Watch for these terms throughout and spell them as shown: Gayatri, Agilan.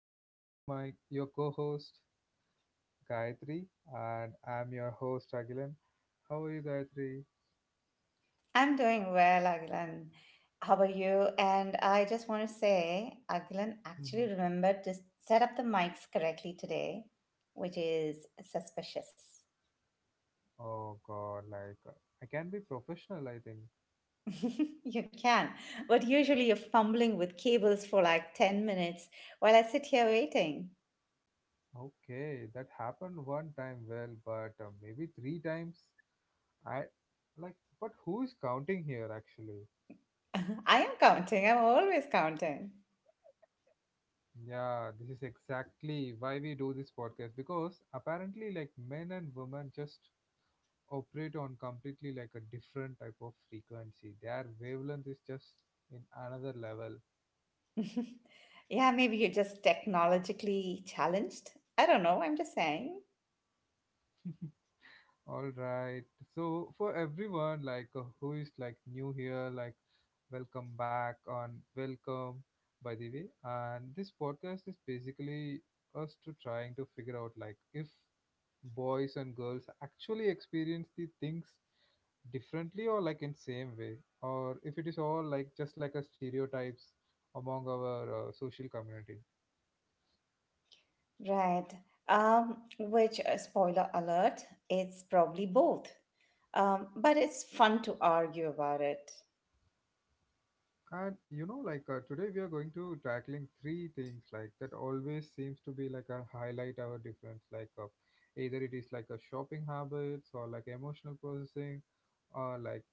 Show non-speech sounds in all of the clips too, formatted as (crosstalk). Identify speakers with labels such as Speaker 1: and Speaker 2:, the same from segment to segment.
Speaker 1: with you, my your co-host Gayatri, and I'm your host Agilan. How are you, Gayatri?
Speaker 2: I'm doing well, Agilan. How are you? And I just want to say, Agilan
Speaker 1: Mhm.
Speaker 2: actually remembered to set up the mics correctly today, which is suspicious.
Speaker 1: Oh God, I can be professional, I think.
Speaker 2: (laughs) You can, but usually you're fumbling with cables for like 10 minutes while I sit here waiting.
Speaker 1: Okay, that happened one time, well, but maybe three times. I Like, but who is counting here actually?
Speaker 2: (laughs) I am counting, I'm always counting.
Speaker 1: Yeah, this is exactly why we do this podcast because apparently, like, men and women just operate on completely like a different type of frequency. Their wavelength is just in another level.
Speaker 2: (laughs) Yeah, maybe you're just technologically challenged. I don't know, I'm just saying.
Speaker 1: All right. So for everyone who is like new here, like welcome back on welcome by the way. And this podcast is basically us to trying to figure out like if boys and girls actually experience the things differently or like in same way or if it is all like just like a stereotypes among our social community
Speaker 2: Right. Spoiler alert, it's probably both. But it's fun to argue about it.
Speaker 1: and you know today we are going to tackling three things like that always seems to be like a highlight our difference either it is like a shopping habits or like emotional processing or like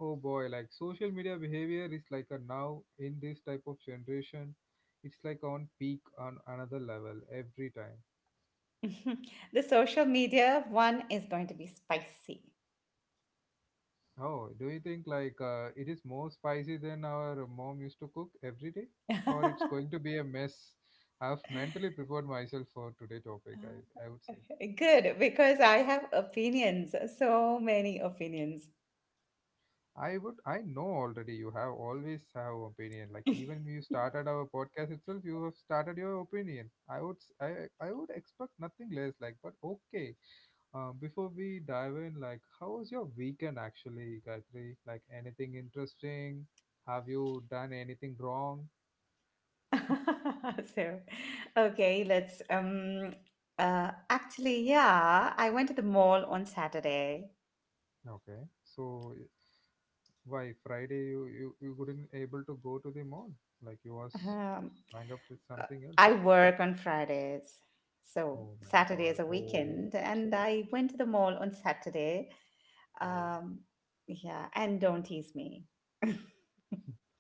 Speaker 1: oh boy, like social media behavior is like a now in this type of generation, it's like on peak on another level every time.
Speaker 2: (laughs) The social media one is going to be spicy. (laughs)
Speaker 1: Oh, do you think it is more spicy than our mom used to cook every day, or it's going to be a mess? I've mentally prepared myself for today topic. I would say
Speaker 2: Good, because I have opinions, so many opinions.
Speaker 1: I would I know already. You have always have opinion. Like even you
Speaker 2: (laughs)
Speaker 1: started our podcast itself, you have started your opinion. I would expect nothing less. Like but okay. Before we dive in, like, how was your weekend actually, Gayatri? Like, anything interesting? Have you done anything wrong?
Speaker 2: (laughs) So, okay, let's um I went to the mall on Saturday.
Speaker 1: Okay, why Friday you couldn't able to go to the mall? Like, you was
Speaker 2: Um
Speaker 1: hung up with
Speaker 2: uh,
Speaker 1: something else.
Speaker 2: I work on Fridays. So
Speaker 1: Oh my
Speaker 2: Saturday is
Speaker 1: God!
Speaker 2: a
Speaker 1: Oh
Speaker 2: weekend and I went to the mall on Saturday.
Speaker 1: (laughs) oh.
Speaker 2: Um yeah, and don't tease me. (laughs)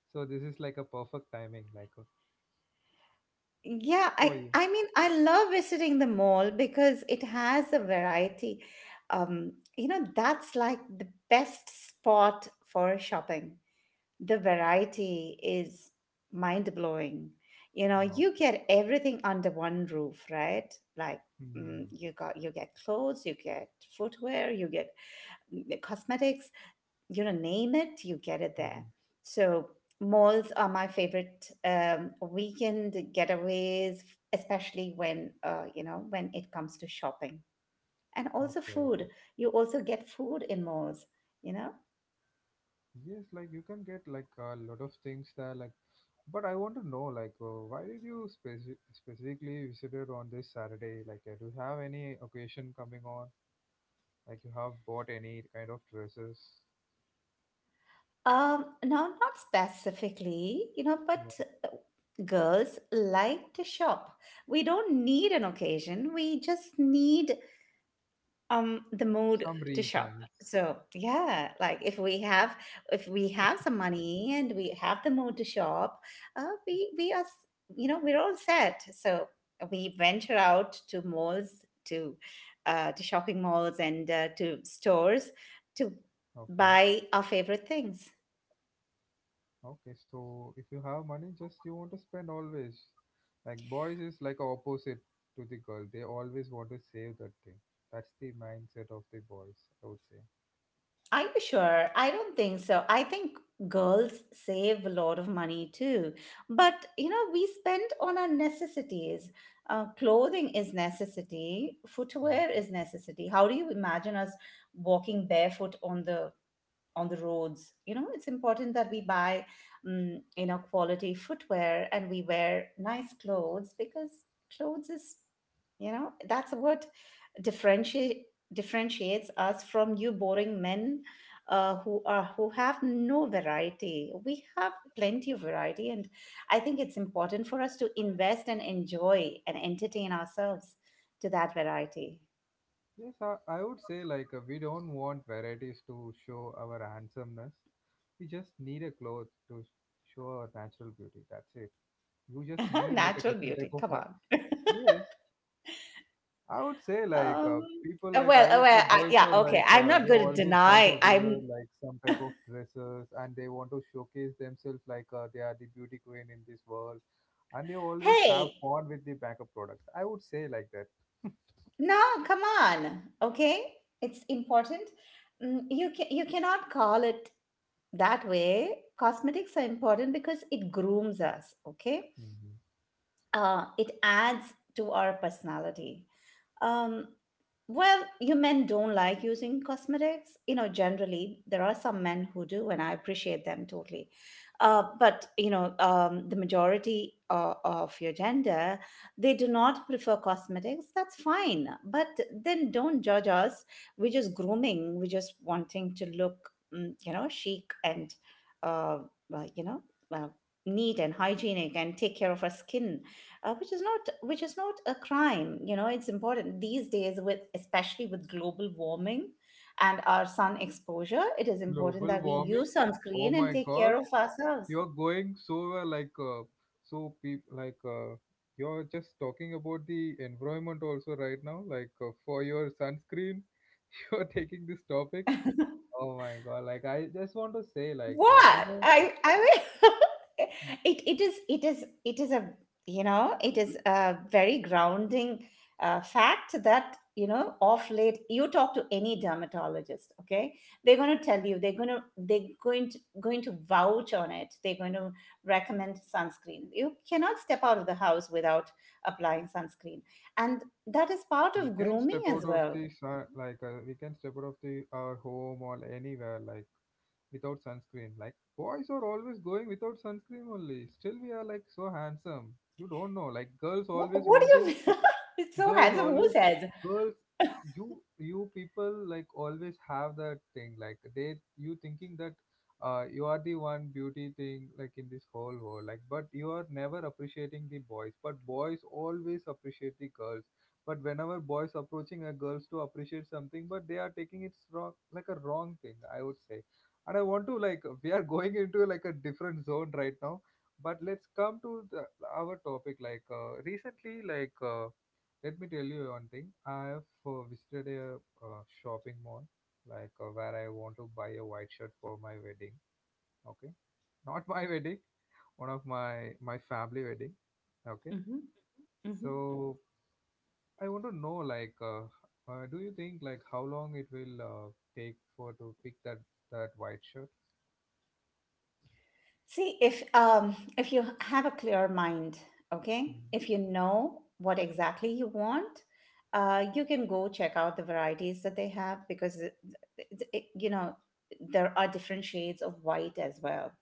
Speaker 1: So this is like a perfect timing,
Speaker 2: Yeah,
Speaker 1: for
Speaker 2: I
Speaker 1: you.
Speaker 2: I mean I love visiting the mall because it has a variety. Um, you know, that's like the best spot for shopping. The variety is mind blowing. You know,
Speaker 1: Okay.
Speaker 2: you get everything under one roof, right? Like
Speaker 1: Hmm.
Speaker 2: you get clothes, you get footwear, you get cosmetics. You know, name it, you get it there.
Speaker 1: Hmm.
Speaker 2: So malls are my favorite weekend getaways, especially when you know, when it comes to shopping and also
Speaker 1: Okay.
Speaker 2: food. You also get food in malls. You know.
Speaker 1: Yes, like you can get like a lot of things there, like but I want to know, like, why did you specifically visited on this Saturday? Like, do you have any occasion coming on? Like, you have bought any kind of dresses?
Speaker 2: Now, not specifically, you know,
Speaker 1: Yeah.
Speaker 2: but girls like to shop. We don't need an occasion. We just need the mood
Speaker 1: Some
Speaker 2: to shop.
Speaker 1: reasons.
Speaker 2: So yeah, like if we have some money and we have the mood to shop, uh, we we are s- you know, we're all set. So we venture out to malls to shopping malls and to stores to
Speaker 1: Okay.
Speaker 2: buy our favorite things.
Speaker 1: Okay. So, if you have money, just you want to spend always. Like, boys is like opposite to the girl. They always want to save that thing. That's the mindset of the boys, I would say.
Speaker 2: Are you sure? I don't think so. I think girls save a lot of money too. But you know, we spend on our necessities. Clothing is necessity. Footwear is necessity. How do you imagine us walking barefoot on the roads? You know, it's important that we buy, you know, quality footwear, and we wear nice clothes because clothes is, you know, that's what differentiate differentiates us from you boring men, who have no variety. We have plenty of variety, and I think it's important for us to invest and enjoy and entertain ourselves to that variety.
Speaker 1: Yes, I would say we don't want varieties to show our handsomeness. We just need a clothes to show our natural beauty. That's it. You just
Speaker 2: (laughs)
Speaker 1: need like a
Speaker 2: Natural
Speaker 1: different type
Speaker 2: beauty,
Speaker 1: of
Speaker 2: come on.
Speaker 1: yes. I would say
Speaker 2: um
Speaker 1: people
Speaker 2: uh,
Speaker 1: like
Speaker 2: well
Speaker 1: I
Speaker 2: uh,
Speaker 1: would say
Speaker 2: well I,
Speaker 1: girls
Speaker 2: yeah
Speaker 1: are
Speaker 2: okay
Speaker 1: like
Speaker 2: I'm
Speaker 1: uh,
Speaker 2: not
Speaker 1: they
Speaker 2: going to
Speaker 1: always want
Speaker 2: deny.
Speaker 1: to wear
Speaker 2: I'm
Speaker 1: like some type of dresses and they want to showcase themselves like they are the beauty queen in this world and they always have
Speaker 2: Hey,
Speaker 1: fun with the makeup products. I would say like that.
Speaker 2: no, come on, okay, it's important. Mm, you cannot call it that way. Cosmetics are important because it grooms us, okay.
Speaker 1: Hmm.
Speaker 2: Uh, it adds to our personality. um, well, you men don't like using cosmetics. You know, generally, there are some men who do, and I appreciate them totally. But, you know, the majority of your gender, they do not prefer cosmetics. That's fine. But then don't judge us. We're just grooming, we're just wanting to look, you know, chic and, uh, you know, uh, neat and hygienic, and take care of our skin, which is not a crime. You know, it's important these days, with especially with global warming and our sun exposure. It is important
Speaker 1: Global
Speaker 2: that we
Speaker 1: warming.
Speaker 2: use
Speaker 1: Oh
Speaker 2: sunscreen and
Speaker 1: my
Speaker 2: take care
Speaker 1: God.
Speaker 2: of ourselves.
Speaker 1: You're going so well, so peop- like uh, you're just talking about the environment also right now for your sunscreen. (laughs) You're taking this topic.
Speaker 2: (laughs)
Speaker 1: Oh my god, like I just want to say you
Speaker 2: What?
Speaker 1: know
Speaker 2: I mean, (laughs) it is a, you know, it is a very grounding fact that, you know, off late, you talk to any dermatologist, okay, they're going to tell you, they're going to vouch on it. They're going to recommend sunscreen. You cannot step out of the house without applying sunscreen, and that is part
Speaker 1: we
Speaker 2: of
Speaker 1: can step
Speaker 2: grooming
Speaker 1: out
Speaker 2: as
Speaker 1: of
Speaker 2: well.
Speaker 1: the sun, we can step out of the our home or anywhere like without sunscreen, like boys are always going without sunscreen only still we are like so handsome. You don't know like girls
Speaker 2: what,
Speaker 1: always
Speaker 2: what
Speaker 1: want to
Speaker 2: do you, (laughs) it's so
Speaker 1: girls
Speaker 2: handsome, who
Speaker 1: always
Speaker 2: says?
Speaker 1: girls you you people like always have that thing like they you thinking that you are the one beauty thing like in this whole world, like but you are never appreciating the boys but boys always appreciate the girls but whenever boys approaching a girls to appreciate something but they are taking it wrong like a wrong thing I would say. And I want to like we are going into like a different zone right now but let's come to the our topic, recently, let me tell you one thing. I have visited a shopping mall, where I want to buy a white shirt for my wedding. Okay, not my (laughs) wedding, one of my family wedding. Okay,
Speaker 2: Hmm.
Speaker 1: so I want to know, do you think like how long it will take for to pick that white shirt?
Speaker 2: See, if you have a clear mind, okay, if you know what exactly you want, you can go check out the varieties that they have, because you know, there are different shades of white as well.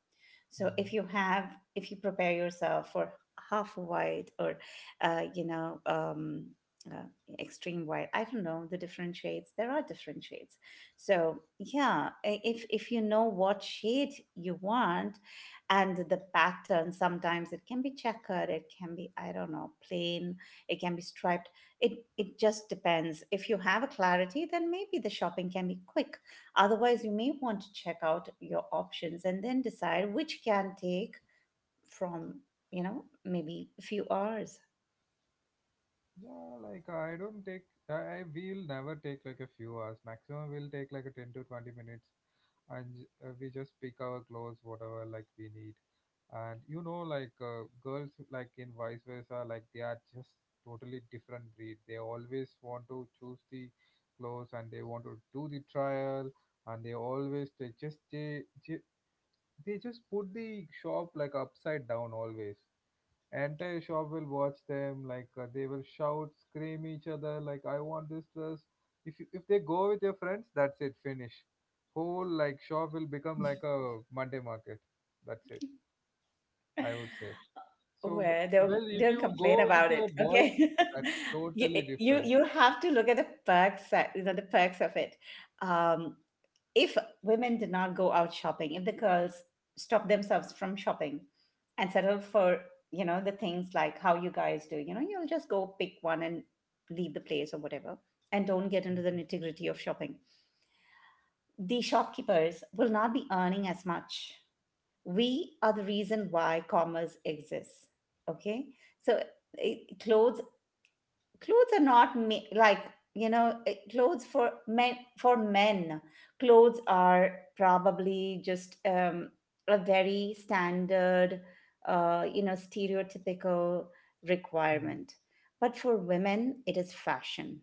Speaker 2: So if
Speaker 1: Mm-hmm.
Speaker 2: you have, if you prepare yourself for half white, or, you know, uh, extreme white, I don't know the different shades. There are different shades. So yeah, if you know what shade you want, and the pattern, sometimes it can be checkered, it can be, I don't know, plain, it can be striped. It just depends. If you have a clarity, then maybe the shopping can be quick. Otherwise, you may want to check out your options and then decide, which can take from, you know, maybe a few hours.
Speaker 1: Yeah, like I don't take. I will never take like a few hours. Maximum will take like a 10 to 20 minutes, and we just pick our clothes, whatever like we need. And you know, girls, like in vice versa, like they are just totally different breed. They always want to choose the clothes, and they want to do the trial, and they always ju- they just put the shop like upside down. Always entire shop will watch them, they will shout scream each other like I want this dress. If you, if they go with your friends, that's it, finish, whole like shop will become like a Monday market, that's it, I would say. so w-
Speaker 2: Well, don't
Speaker 1: well, if
Speaker 2: don't
Speaker 1: you go
Speaker 2: complain
Speaker 1: with
Speaker 2: about it,
Speaker 1: your boys,
Speaker 2: okay? (laughs)
Speaker 1: that's
Speaker 2: You,
Speaker 1: totally different.
Speaker 2: you have to look at the perks, you know, the perks of it. Um, if women did not go out shopping, if the girls stop themselves from shopping and settle for, you know, the things like how you guys do, you know, you'll just go pick one and leave the place or whatever, and don't get into the nitty-gritty of shopping. The shopkeepers will not be earning as much. We are the reason why commerce exists. Okay, so, it, clothes clothes are not, you know, clothes for men, Clothes are probably just a very standard, you know, stereotypical
Speaker 1: Mhm.
Speaker 2: requirement. But for women, it is fashion,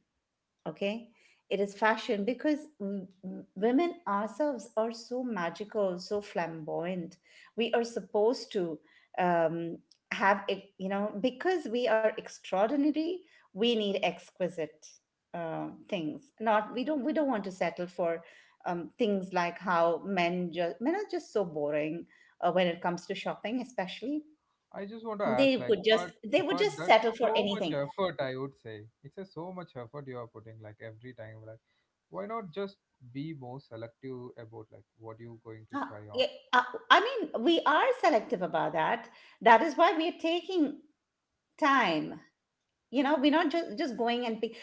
Speaker 2: okay. It is fashion because women ourselves are so magical, so flamboyant. We are supposed to, um, have it, you know, because we are extraordinary. We need exquisite things. Not we don't We don't want to settle for things like how men are just so boring when it comes to shopping, especially.
Speaker 1: I just want to
Speaker 2: they
Speaker 1: ask, like,
Speaker 2: would just they would
Speaker 1: but
Speaker 2: just settle
Speaker 1: that's
Speaker 2: for
Speaker 1: so much
Speaker 2: anything.
Speaker 1: effort. I would say it's a so much effort you are putting, like every time. Like, why not just be more selective about like what you going to
Speaker 2: Uh,
Speaker 1: try on?
Speaker 2: yeah, I mean, we are selective about that. That is why we are taking time. You know, we're not just going and pick.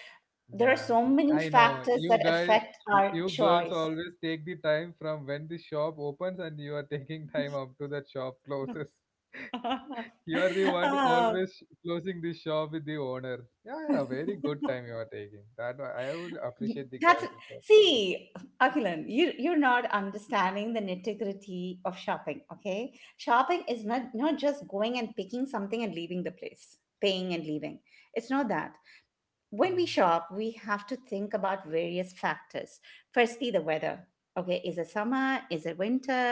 Speaker 2: There are
Speaker 1: Yeah,
Speaker 2: so many
Speaker 1: I know
Speaker 2: factors
Speaker 1: you
Speaker 2: that
Speaker 1: guys,
Speaker 2: affect our
Speaker 1: you girls
Speaker 2: choice.
Speaker 1: always take the time from when the shop opens and you are (laughs) taking time up to that shop closes.
Speaker 2: (laughs)
Speaker 1: You are the one
Speaker 2: Uh,
Speaker 1: always closing the shop with the owner. Yeah, yeah, very good time you are taking. That I would appreciate the
Speaker 2: that's,
Speaker 1: girls for this.
Speaker 2: see, Akilan, you're not understanding the nitty-gritty of shopping, okay? Shopping is not just going and picking something and leaving the place, paying and leaving. It's not that. When we
Speaker 1: Mm-hmm.
Speaker 2: shop, we have to think about various factors. Firstly, the weather. Okay, is it summer? Is it winter?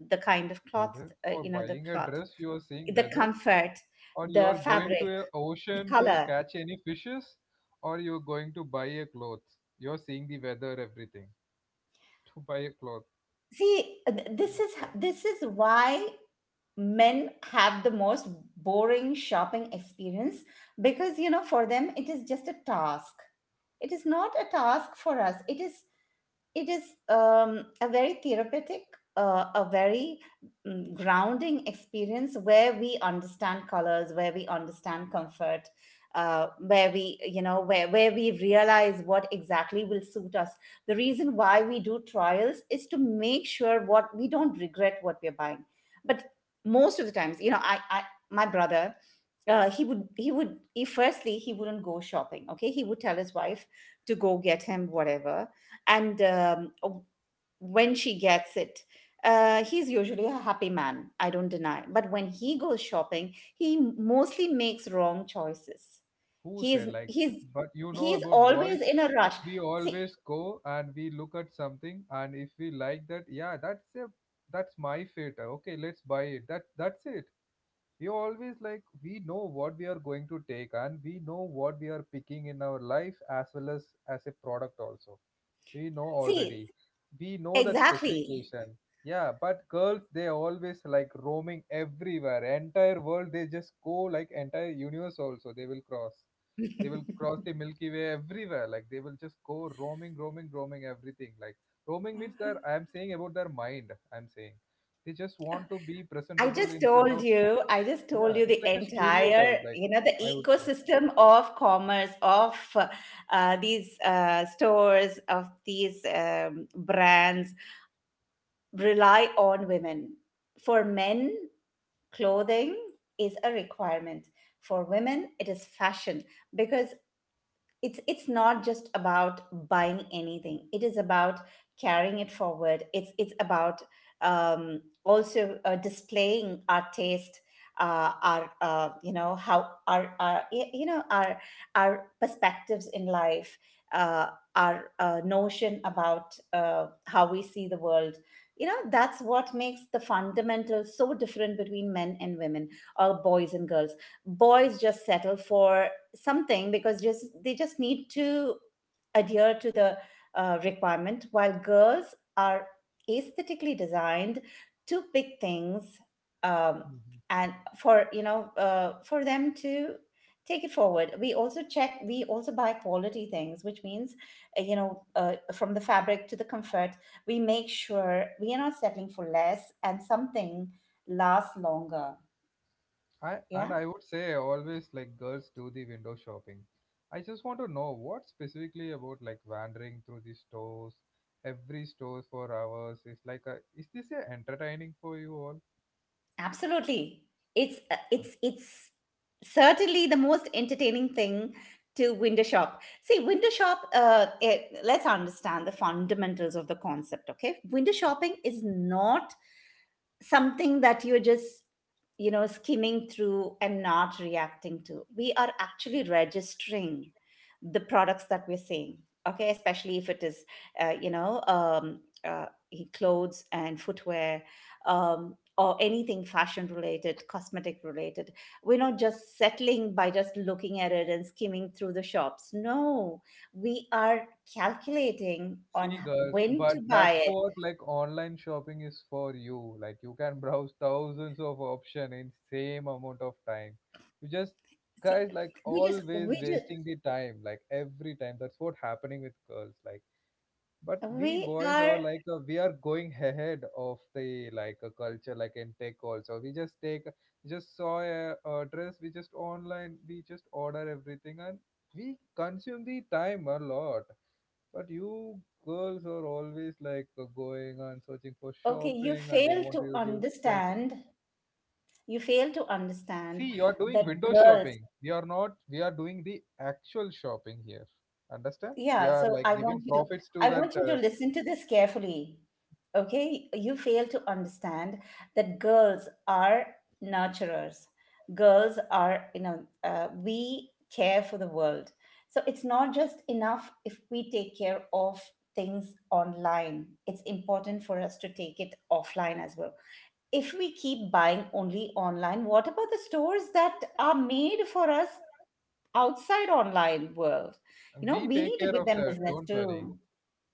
Speaker 2: The kind of cloth,
Speaker 1: Whether for
Speaker 2: you know, the
Speaker 1: buying a
Speaker 2: cloth,
Speaker 1: dress, you are saying
Speaker 2: the
Speaker 1: whether,
Speaker 2: comfort,
Speaker 1: or you are
Speaker 2: the
Speaker 1: going to
Speaker 2: fabric,
Speaker 1: a
Speaker 2: the
Speaker 1: ocean to
Speaker 2: color.
Speaker 1: catch any fishes, or you are going to buy a cloth. You are seeing the weather, everything to buy a cloth.
Speaker 2: See,
Speaker 1: My God.
Speaker 2: this is why men have the most boring shopping experience because, you know, for them it is just a task. It is not a task for us. It is a very therapeutic, a very grounding experience where we understand colors, where we understand comfort, where we, you know, where we realize what exactly will suit us. The reason why we do trials is to make sure what we don't regret what we're buying. But most of the times, you know, I my brother, he would he would he firstly he wouldn't go shopping, okay. He would tell his wife to go get him whatever, and when she gets it, he's usually a happy man. I don't deny. But when he goes shopping, he mostly makes wrong choices.
Speaker 1: Who
Speaker 2: he
Speaker 1: said
Speaker 2: is
Speaker 1: like?
Speaker 2: he's
Speaker 1: But you
Speaker 2: he
Speaker 1: know
Speaker 2: is
Speaker 1: about
Speaker 2: always
Speaker 1: boys,
Speaker 2: in a rush.
Speaker 1: we
Speaker 2: See,
Speaker 1: always go and we look at something, and if we like that, yeah, that's a that's my fate. Okay, let's buy it. That's it. We always like we know what we are going to take and we know what we are picking in our life as well as a product also, we know already,
Speaker 2: see,
Speaker 1: we know that
Speaker 2: exactly.
Speaker 1: specification. Yeah, but girls they always like roaming everywhere entire world, they just go like entire universe also, they will cross the Milky Way everywhere, like they will just go roaming everything like. Roaming means that I am saying about their mind I'm saying they just want to be
Speaker 2: I
Speaker 1: presentable
Speaker 2: just
Speaker 1: in front
Speaker 2: told
Speaker 1: of.
Speaker 2: you, I just told
Speaker 1: Yeah,
Speaker 2: you the
Speaker 1: it's like a
Speaker 2: entire,
Speaker 1: stereotype like
Speaker 2: you know, the
Speaker 1: I would say.
Speaker 2: ecosystem of commerce, of these stores, of these brands, rely on women. For men, clothing is a requirement. For women, it is fashion because it's not just about buying anything. It is about carrying it forward. It's about, also, displaying our taste, our you know, how you know, our perspectives in life, uh, our notion about, how we see the world. You know, that's what makes the fundamentals so different between men and women, or boys and girls. Boys just settle for something because just they just need to adhere to the requirement, while girls are aesthetically designed to pick things, um,
Speaker 1: Mhm.
Speaker 2: and for, you know, for them to take it forward. We also buy quality things, which means you know, from the fabric to the comfort, we make sure we are not settling for less, and something lasts longer.
Speaker 1: I,
Speaker 2: Yeah.
Speaker 1: and I would say always like girls do the window shopping. I just want to know what specifically about like wandering through the stores, every stores for hours is like a is this a entertaining for you all?
Speaker 2: Absolutely. It's it's certainly the most entertaining thing to window shop. See, window shop. Let's understand the fundamentals of the concept. Okay, window shopping is not something that you're just skimming through and not reacting to. We are actually registering the products that we're seeing, okay, especially if it is uh, you know um, uh, clothes and footwear, or anything fashion related, cosmetic related. We're not just settling by just looking at it and skimming through the shops. No, we are calculating on
Speaker 1: See, girls,
Speaker 2: when
Speaker 1: but
Speaker 2: to buy
Speaker 1: that's
Speaker 2: it.
Speaker 1: what like online shopping is for you. Like you can browse (laughs) thousands of options in same amount of time. You just
Speaker 2: See,
Speaker 1: guys like
Speaker 2: we just
Speaker 1: always wasting the time, like every time. That's what happening with girls. Like, but we
Speaker 2: we
Speaker 1: boys are
Speaker 2: are
Speaker 1: like we are going ahead of the like a culture, like in tech also. We just take, just saw a dress. We just online. We just order everything and we consume the time a lot, but you girls are always like going and searching for
Speaker 2: okay. You
Speaker 1: shopping and they
Speaker 2: fail
Speaker 1: want
Speaker 2: to
Speaker 1: you to stress.
Speaker 2: understand. You fail to understand
Speaker 1: See, you're doing
Speaker 2: that
Speaker 1: window
Speaker 2: girls.
Speaker 1: shopping. We are not, we are doing the actual shopping here. Understand? We
Speaker 2: Yeah,
Speaker 1: are
Speaker 2: so
Speaker 1: like
Speaker 2: I
Speaker 1: giving
Speaker 2: want you to.
Speaker 1: profits to
Speaker 2: I
Speaker 1: that.
Speaker 2: want you to listen to this carefully. Okay, you fail to understand that girls are nurturers. Girls are, we care for the world. So it's not just enough if we take care of things online. It's important for us to take it offline as well. If we keep buying only online, what about the stores that are made for us outside online world? You know,
Speaker 1: We
Speaker 2: we
Speaker 1: take
Speaker 2: need to
Speaker 1: care
Speaker 2: give
Speaker 1: of
Speaker 2: them
Speaker 1: that.
Speaker 2: business
Speaker 1: Don't worry.
Speaker 2: too.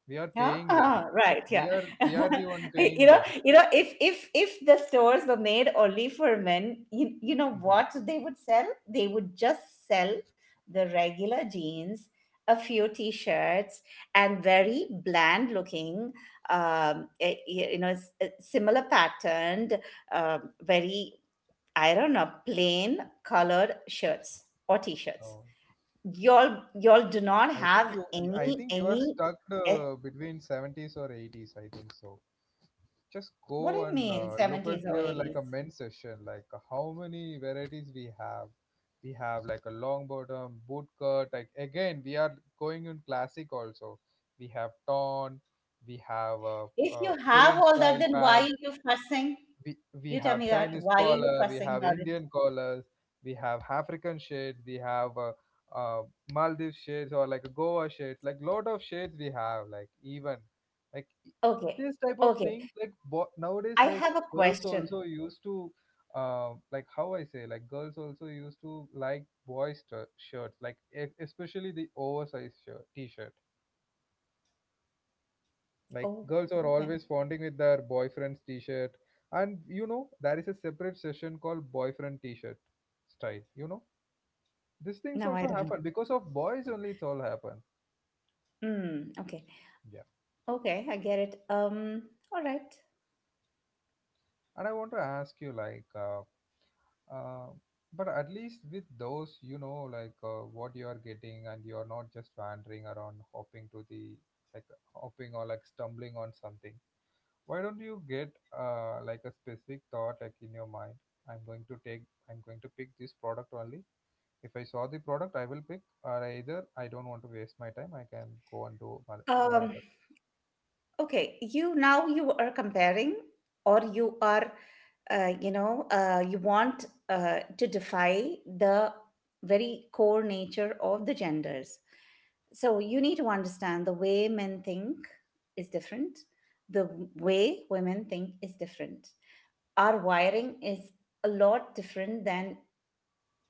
Speaker 1: We are
Speaker 2: Yeah,
Speaker 1: paying them.
Speaker 2: ah, right.
Speaker 1: We
Speaker 2: Yeah,
Speaker 1: are,
Speaker 2: (laughs)
Speaker 1: we are the one paying
Speaker 2: you know,
Speaker 1: them.
Speaker 2: you know, if if the stores were made only for men, you know
Speaker 1: Mhm.
Speaker 2: what they would sell? They would just sell the regular jeans, a few t-shirts, and very bland looking, you know, similar patterned, very, I don't know, plain colored shirts or t-shirts.
Speaker 1: No.
Speaker 2: Y'all do not
Speaker 1: I think
Speaker 2: have
Speaker 1: you, I
Speaker 2: any
Speaker 1: think you are
Speaker 2: any.
Speaker 1: stuck
Speaker 2: eh,
Speaker 1: between 70s or 80s. I think so. Just go
Speaker 2: What do you
Speaker 1: and
Speaker 2: mean,
Speaker 1: look at
Speaker 2: 70s or
Speaker 1: your like a
Speaker 2: 80s?
Speaker 1: men's section like how many varieties we have. We have like a long bottom boot cut, like again we are going in classic also, we have torn, we have a, uh
Speaker 2: If you have
Speaker 1: korean
Speaker 2: all that,
Speaker 1: style
Speaker 2: then why are
Speaker 1: pant,
Speaker 2: you fussing?
Speaker 1: we we
Speaker 2: You tell
Speaker 1: have
Speaker 2: me that.
Speaker 1: Chinese
Speaker 2: Why are you
Speaker 1: collar, we
Speaker 2: fussing
Speaker 1: have
Speaker 2: about it?
Speaker 1: Indian collars, we have African shades, we have uh, Maldives shades or like Goa shades, like lot of shades we have. Like even like i-
Speaker 2: Okay.
Speaker 1: this type of
Speaker 2: Okay.
Speaker 1: things like nowadays,
Speaker 2: I
Speaker 1: like
Speaker 2: have a
Speaker 1: girls
Speaker 2: question.
Speaker 1: also used to like how I say, like girls also used to like boys shirts, like especially the oversized shirt, t-shirt, like
Speaker 2: Oh,
Speaker 1: girls are
Speaker 2: okay.
Speaker 1: always fondling with their boyfriend's t-shirt, and you know there is a separate session called boyfriend t-shirt style. You know these things
Speaker 2: No, I
Speaker 1: also
Speaker 2: don't know.
Speaker 1: happen because of boys only. It's all happen.
Speaker 2: Mm, okay.
Speaker 1: Yeah.
Speaker 2: Okay, I get it. All right.
Speaker 1: And I want to ask you, like, uh, but at least with those, like what you are getting, and you are not just wandering around, hopping to the, like, hopping or like stumbling on something. Why don't you get like a specific thought like in your mind? I'm going to take, I'm going to pick this product only. If I saw the product, I will pick, or either I don't want to waste my time, I can go and do my, my
Speaker 2: Um,
Speaker 1: other.
Speaker 2: okay. You now you are comparing, or you are, you want to defy the very core nature of the genders. So you need to understand, the way men think is different, the way women think is different. Our wiring is a lot different than,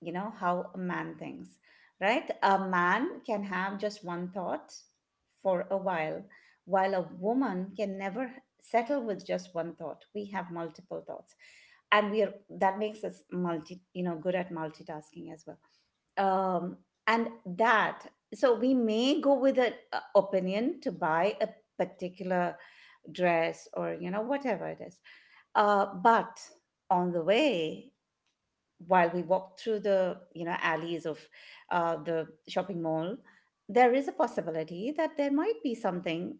Speaker 2: you know, how a man thinks, right? A man can have just one thought for a while a woman can never settle with just one thought. We have multiple thoughts, and we are, that makes us multi, you know, good at multitasking as well. um, and that, so we may go with an opinion to buy a particular dress, or you know, whatever it is. But on the way, while we walk through the, you know, alleys of the shopping mall, there is a possibility that there might be something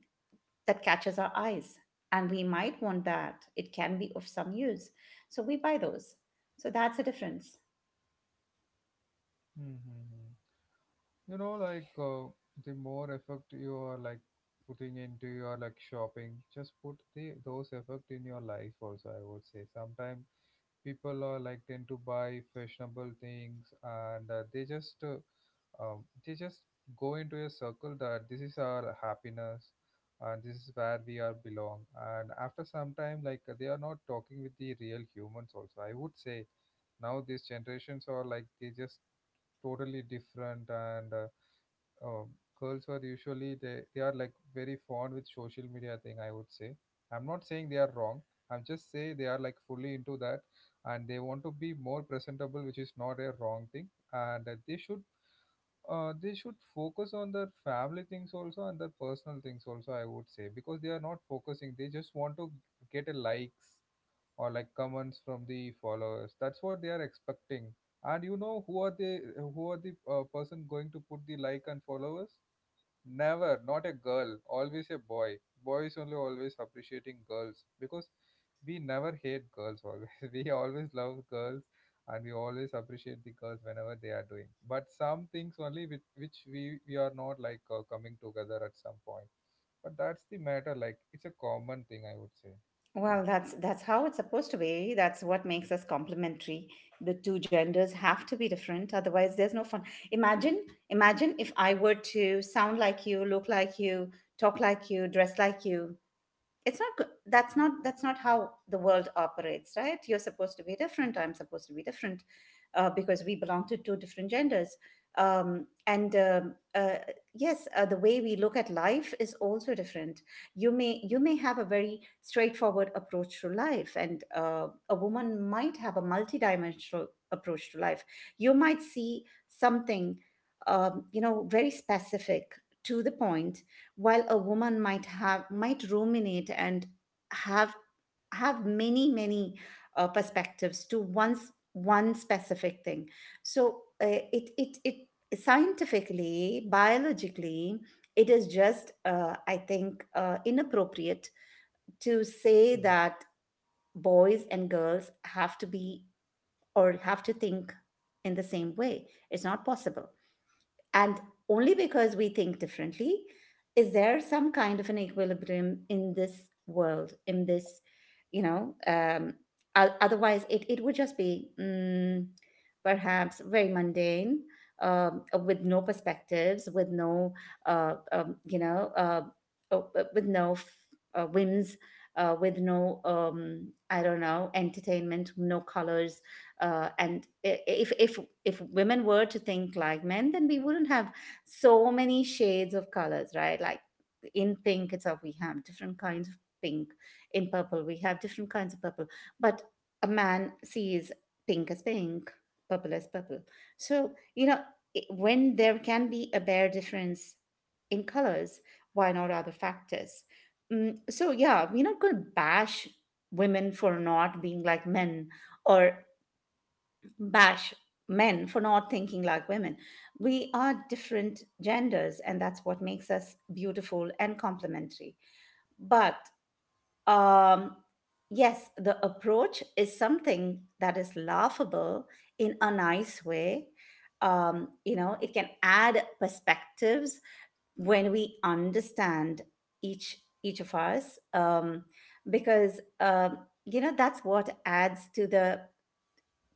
Speaker 2: that catches our eyes, and we might want that, it can be of some use, so we buy those. So that's the difference.
Speaker 1: Mm-hmm. You know, like, the more effort you are like putting into your like shopping, just put the those effort in your life also, I would say. Sometimes people are like tend to buy fashionable things and they just go into a circle that this is our happiness and this is where we are belong. And after some time, like, they are not talking with the real humans also, I would say. Now these generations are like they just totally different, and uh, girls are usually, they are like very fond with social media thing, I would say. I'm not saying they are wrong, I'm just say they are like fully into that. And they want to be more presentable, which is not a wrong thing, and they should focus on their family things also and their personal things also, I would say, because they are not focusing, they just want to get a likes or like comments from the followers, that's what they are expecting. And you know who are the, person going to put the like and followers? Never not a girl, always a boy. Boys only always appreciating girls, because we never hate girls, always (laughs) we always love girls, and we always appreciate the girls whenever they are doing, but some things only which, we are not like coming together at some point. But that's the matter, like, it's a common thing, I would say.
Speaker 2: Well, that's how it's supposed to be. That's what makes us complementary. The two genders have to be different, otherwise there's no fun. Imagine, imagine if I were to sound like you, look like you, talk like you, dress like you. It's not good. That's not how the world operates, right? You're supposed to be different, I'm supposed to be different, because we belong to two different genders. And Yes, the way we look at life is also different. You may have a very straightforward approach to life, and a woman might have a multidimensional approach to life. You might see something, you know, very specific, to the point, while a woman might have, might ruminate and have have many many perspectives to once, one specific thing. So it scientifically, biologically, it is just, I think, inappropriate to say
Speaker 1: Hmm.
Speaker 2: that boys and girls have to be, or have to think in the same way. It's not possible. And only because we think differently is there some kind of an equilibrium in this world, in this, you know, otherwise it, it would just be perhaps very mundane. With no perspectives, with no, uh, um, you know, uh, uh, with no whims, with no, I don't know, entertainment, no colors, and if if women were to think like men, then we wouldn't have so many shades of colors, right? Like in pink itself, we have different kinds of pink. In purple, we have different kinds of purple. But a man sees pink as pink, purple as purple. So, you know, when there can be a bare difference in colors, why not other factors? Mm, so, yeah, we're not going to bash women for not being like men, or bash men for not thinking like women. We are different genders, and that's what makes us beautiful and complementary. But um, yes, the approach is something that is laughable in a nice way. You know, it can add perspectives when we understand each each of us, because you know, that's what adds to the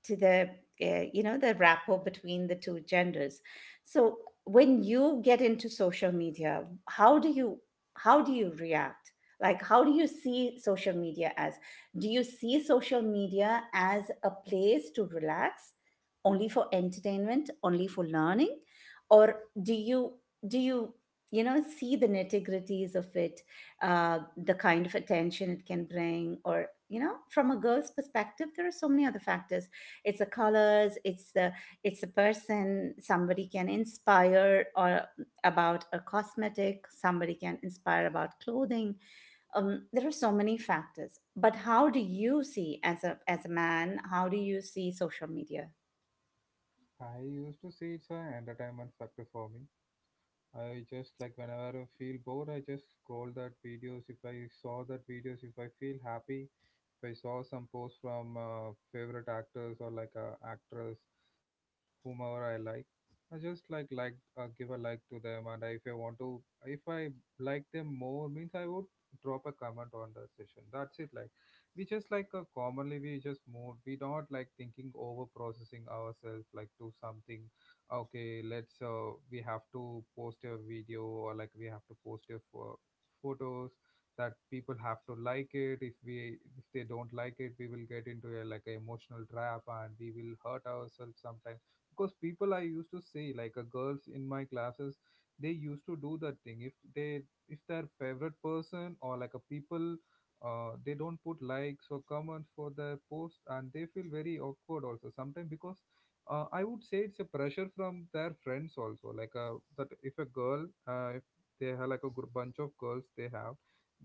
Speaker 2: to the you know, the rapport between the two genders. So when you get into social media, how do you, how do you react? Like, how do you see social media as? Do you see social media as a place to relax, only for entertainment, only for learning, or do you, do you, you know, see the nitty-gritties of it, the kind of attention it can bring, or you know, from a girl's perspective, there are so many other factors. It's the colors, it's the, it's a person, somebody can inspire, or about a cosmetic, somebody can inspire about clothing. There are so many factors. But how do you see, as a, as a man, how do you see social media?
Speaker 1: I used to see it's an entertainment factor for me. I just like whenever I feel bored, I just scroll that videos. If I saw that videos, if I feel happy, if I saw some posts from favorite actors or like a actress, whomever I like. I just like give a like to them, and I, if I want to, if I like them more, means I would drop a comment on that session. That's it. Like we just like commonly we just move. We don't like thinking over processing ourselves like to something. Okay, let's we have to post a video, or like we have to post a photos that people have to like it. If we, if they don't like it, we will get into a like a emotional trap and we will hurt ourselves sometimes, because people, I used to say, like, girls in my classes, they used to do that thing. If they, if their favorite person or like a people they don't put likes or comments for their post, and they feel very awkward also sometimes because I would say it's a pressure from their friends also, like, that if a girl, if they have like a bunch of girls, they have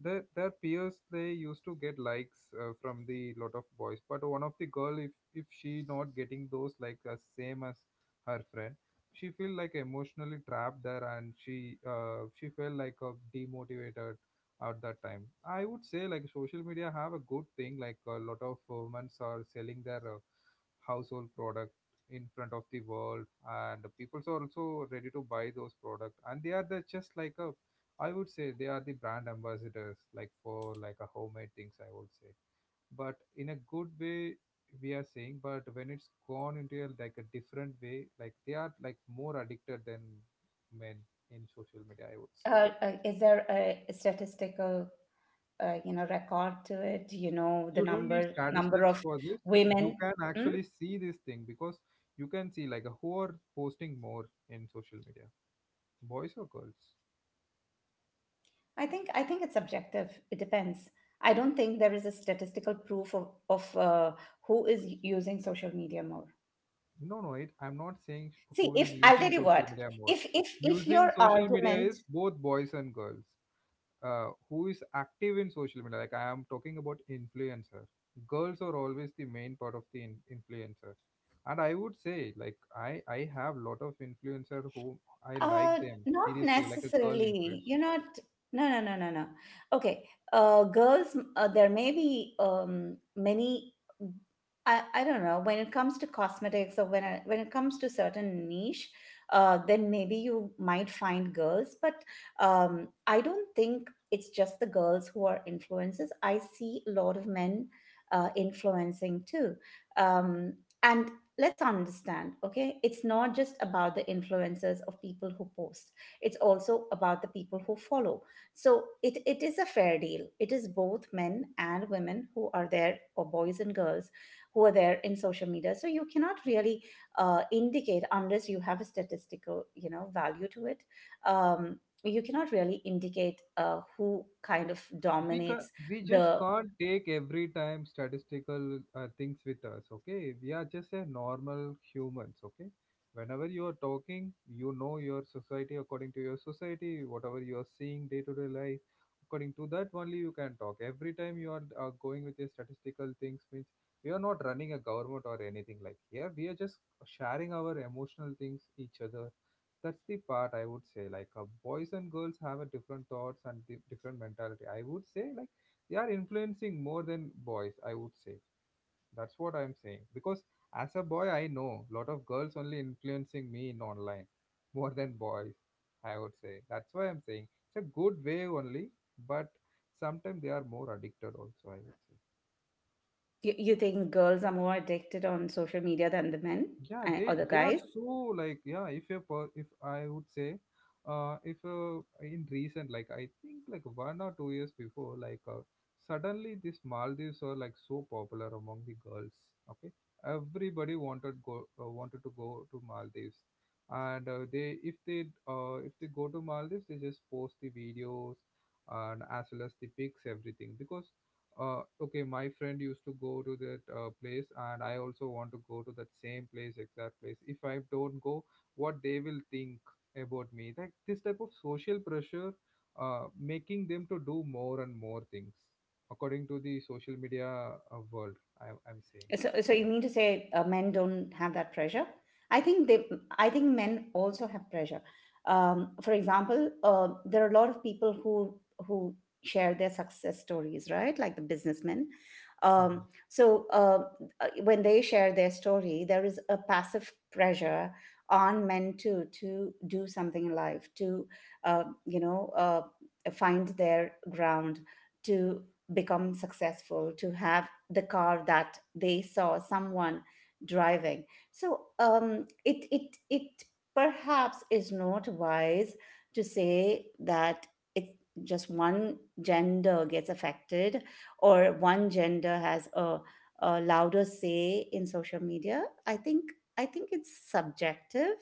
Speaker 1: their peers, they used to get likes from the lot of boys, but one of the girl, if she not getting those like as same as her friend, she feel like emotionally trapped there, and she felt like demotivated at that time, I would say. Like social media have a good thing, like a lot of women are selling their household product in front of the world, and people are also ready to buy those product, and they are the, just like a, I would say they are the brand ambassadors, like for like a homemade things, I would say, but in a good way, we are saying. But when it's gone into a, like a different way, like they are like more addicted than men in social media, I would say.
Speaker 2: Is there a statistical you know, record to it? You know the
Speaker 1: You don't need
Speaker 2: number, number
Speaker 1: statistics
Speaker 2: of
Speaker 1: for this. You
Speaker 2: women.
Speaker 1: can actually see this thing, because you can see like who are posting more in social media, boys or girls.
Speaker 2: I think, I think it's subjective. It depends. I don't think there is a statistical proof of who is using social media more.
Speaker 1: No, no, it, I'm not saying
Speaker 2: See,
Speaker 1: who is
Speaker 2: if I'll
Speaker 1: using
Speaker 2: tell you
Speaker 1: social
Speaker 2: what,
Speaker 1: media more.
Speaker 2: if if
Speaker 1: Using
Speaker 2: your
Speaker 1: social media
Speaker 2: argument.
Speaker 1: is both boys and girls. Who is active in social media? Like I am talking about influencer. Girls are always the main part of the influencer, and I would say like I have lot of influencer who I like
Speaker 2: Uh,
Speaker 1: them
Speaker 2: Not
Speaker 1: seriously, like a girl
Speaker 2: necessarily.
Speaker 1: influencer.
Speaker 2: You're not. No, no, no, no, no. Okay. Girls, there may be many. I don't know. When it comes to cosmetics or when, I, when it comes to certain niche, then maybe you might find girls. But I don't think it's just the girls who are influencers. I see a lot of men influencing too. Um, and let's understand, okay, it's not just about the influencers of people who post, it's also about the people who follow. So it is a fair deal, it is both men and women who are there, or boys and girls who are there in social media. So you cannot really indicate unless you have a statistical, you know, value to it. um, you cannot really indicate who kind of dominates.
Speaker 1: We just
Speaker 2: The
Speaker 1: can't take every time statistical things with us. Okay, we are just a normal humans. Okay, whenever you are talking, you know, your society, according to your society, whatever you are seeing day to day life, according to that only you can talk. Every time you are going with your statistical things means we are not running a government or anything like here. We are just sharing our emotional things each other. That's the part, I would say, like, boys and girls have a different thoughts and different mentality, I would say, like, they are influencing more than boys, I would say. That's what I'm saying, because as a boy, I know lot of girls only influencing me in online (laughs) more than boys, I would say. That's why I'm saying it's a good way only. But sometimes they are more addicted also, I would say.
Speaker 2: you, you think girls are more addicted on social media than the men,
Speaker 1: Yeah,
Speaker 2: or
Speaker 1: they
Speaker 2: the
Speaker 1: are
Speaker 2: guys?
Speaker 1: so, like, yeah, if a if I would say, if in recent, like, I think like 1 or 2 years before, like, suddenly these maldives are like so popular among the girls. Okay, everybody wanted to go to Maldives, and they if they if they go to Maldives, they just post the videos, and as well as the pics, everything, because, okay, my friend used to go to that place, and I also want to go to that same place, exact place. If I don't go, what they will think about me? Like this type of social pressure making them to do more and more things according to the social media world, I'm saying.
Speaker 2: So, so you mean to say men don't have that pressure? I think they. I think men also have pressure. For example, there are a lot of people who share their success stories, right? Like the businessmen. Um, so uh, when they share their story, there is a passive pressure on men to do something in life, to you know, find their ground, to become successful, to have the car that they saw someone driving. So it it it perhaps is not wise to say that it, just one gender gets affected, or one gender has a louder say in social media. I think, I think it's subjective.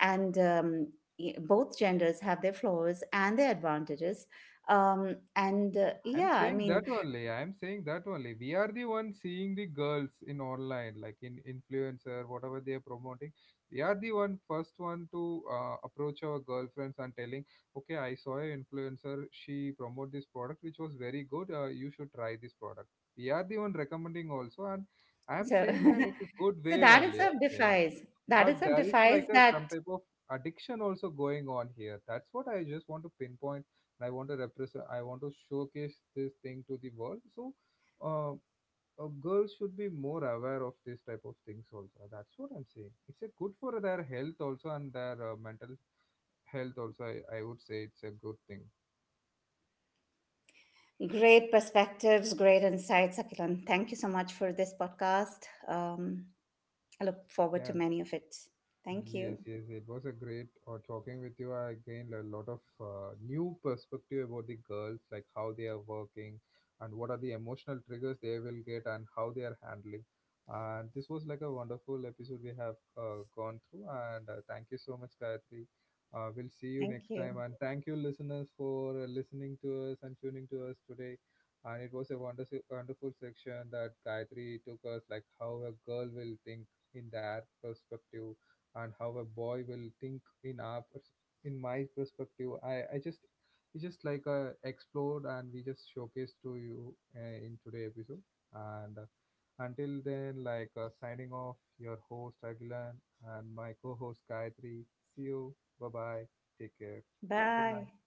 Speaker 2: And both genders have their flaws and their advantages. And
Speaker 1: I'm
Speaker 2: Yeah, I
Speaker 1: saying
Speaker 2: mean.
Speaker 1: that only. I'm saying that only. We are the ones seeing the girls in online, like in influencer, whatever they are promoting. We are the one first one to approach our girlfriends and telling, okay, I saw a influencer. She promote this product which was very good. You should try this product. We are the one recommending also, and I'm
Speaker 2: So,
Speaker 1: saying it's a good
Speaker 2: (laughs) so
Speaker 1: way
Speaker 2: that
Speaker 1: only.
Speaker 2: itself
Speaker 1: I'm saying,
Speaker 2: defies, that
Speaker 1: but
Speaker 2: itself
Speaker 1: there is
Speaker 2: defies
Speaker 1: like a
Speaker 2: that.
Speaker 1: some type of addiction also going on here. That's what I just want to pinpoint, and I want to represent, I want to showcase this thing to the world. So uh, girls should be more aware of this type of things also. That's what I'm saying. It's a good for their health also, and their mental health also. I would say it's a good thing.
Speaker 2: Great perspectives, great insights, Akilan. Thank you so much for this podcast. I look forward
Speaker 1: Yeah.
Speaker 2: to many of it. Thank you.
Speaker 1: Yes, yes, it was a great talking with you. I gained a lot of new perspective about the girls, like how they are working and what are the emotional triggers they will get and how they are handling. And this was like a wonderful episode we have gone through. And thank you so much, Gayatri. We'll see you
Speaker 2: Thank
Speaker 1: next
Speaker 2: you.
Speaker 1: time. And thank you, listeners, for listening to us and tuning to us today. And it was a wonderful, wonderful section that Gayatri took us, like how a girl will think in that perspective, and how a boy will think in our in my perspective. I just we just like explored, and we just showcased to you in today episode. And until then, like, signing off, your host Agilan, and my co-host Gayatri. See you, bye bye, take care, good
Speaker 2: Bye.
Speaker 1: night.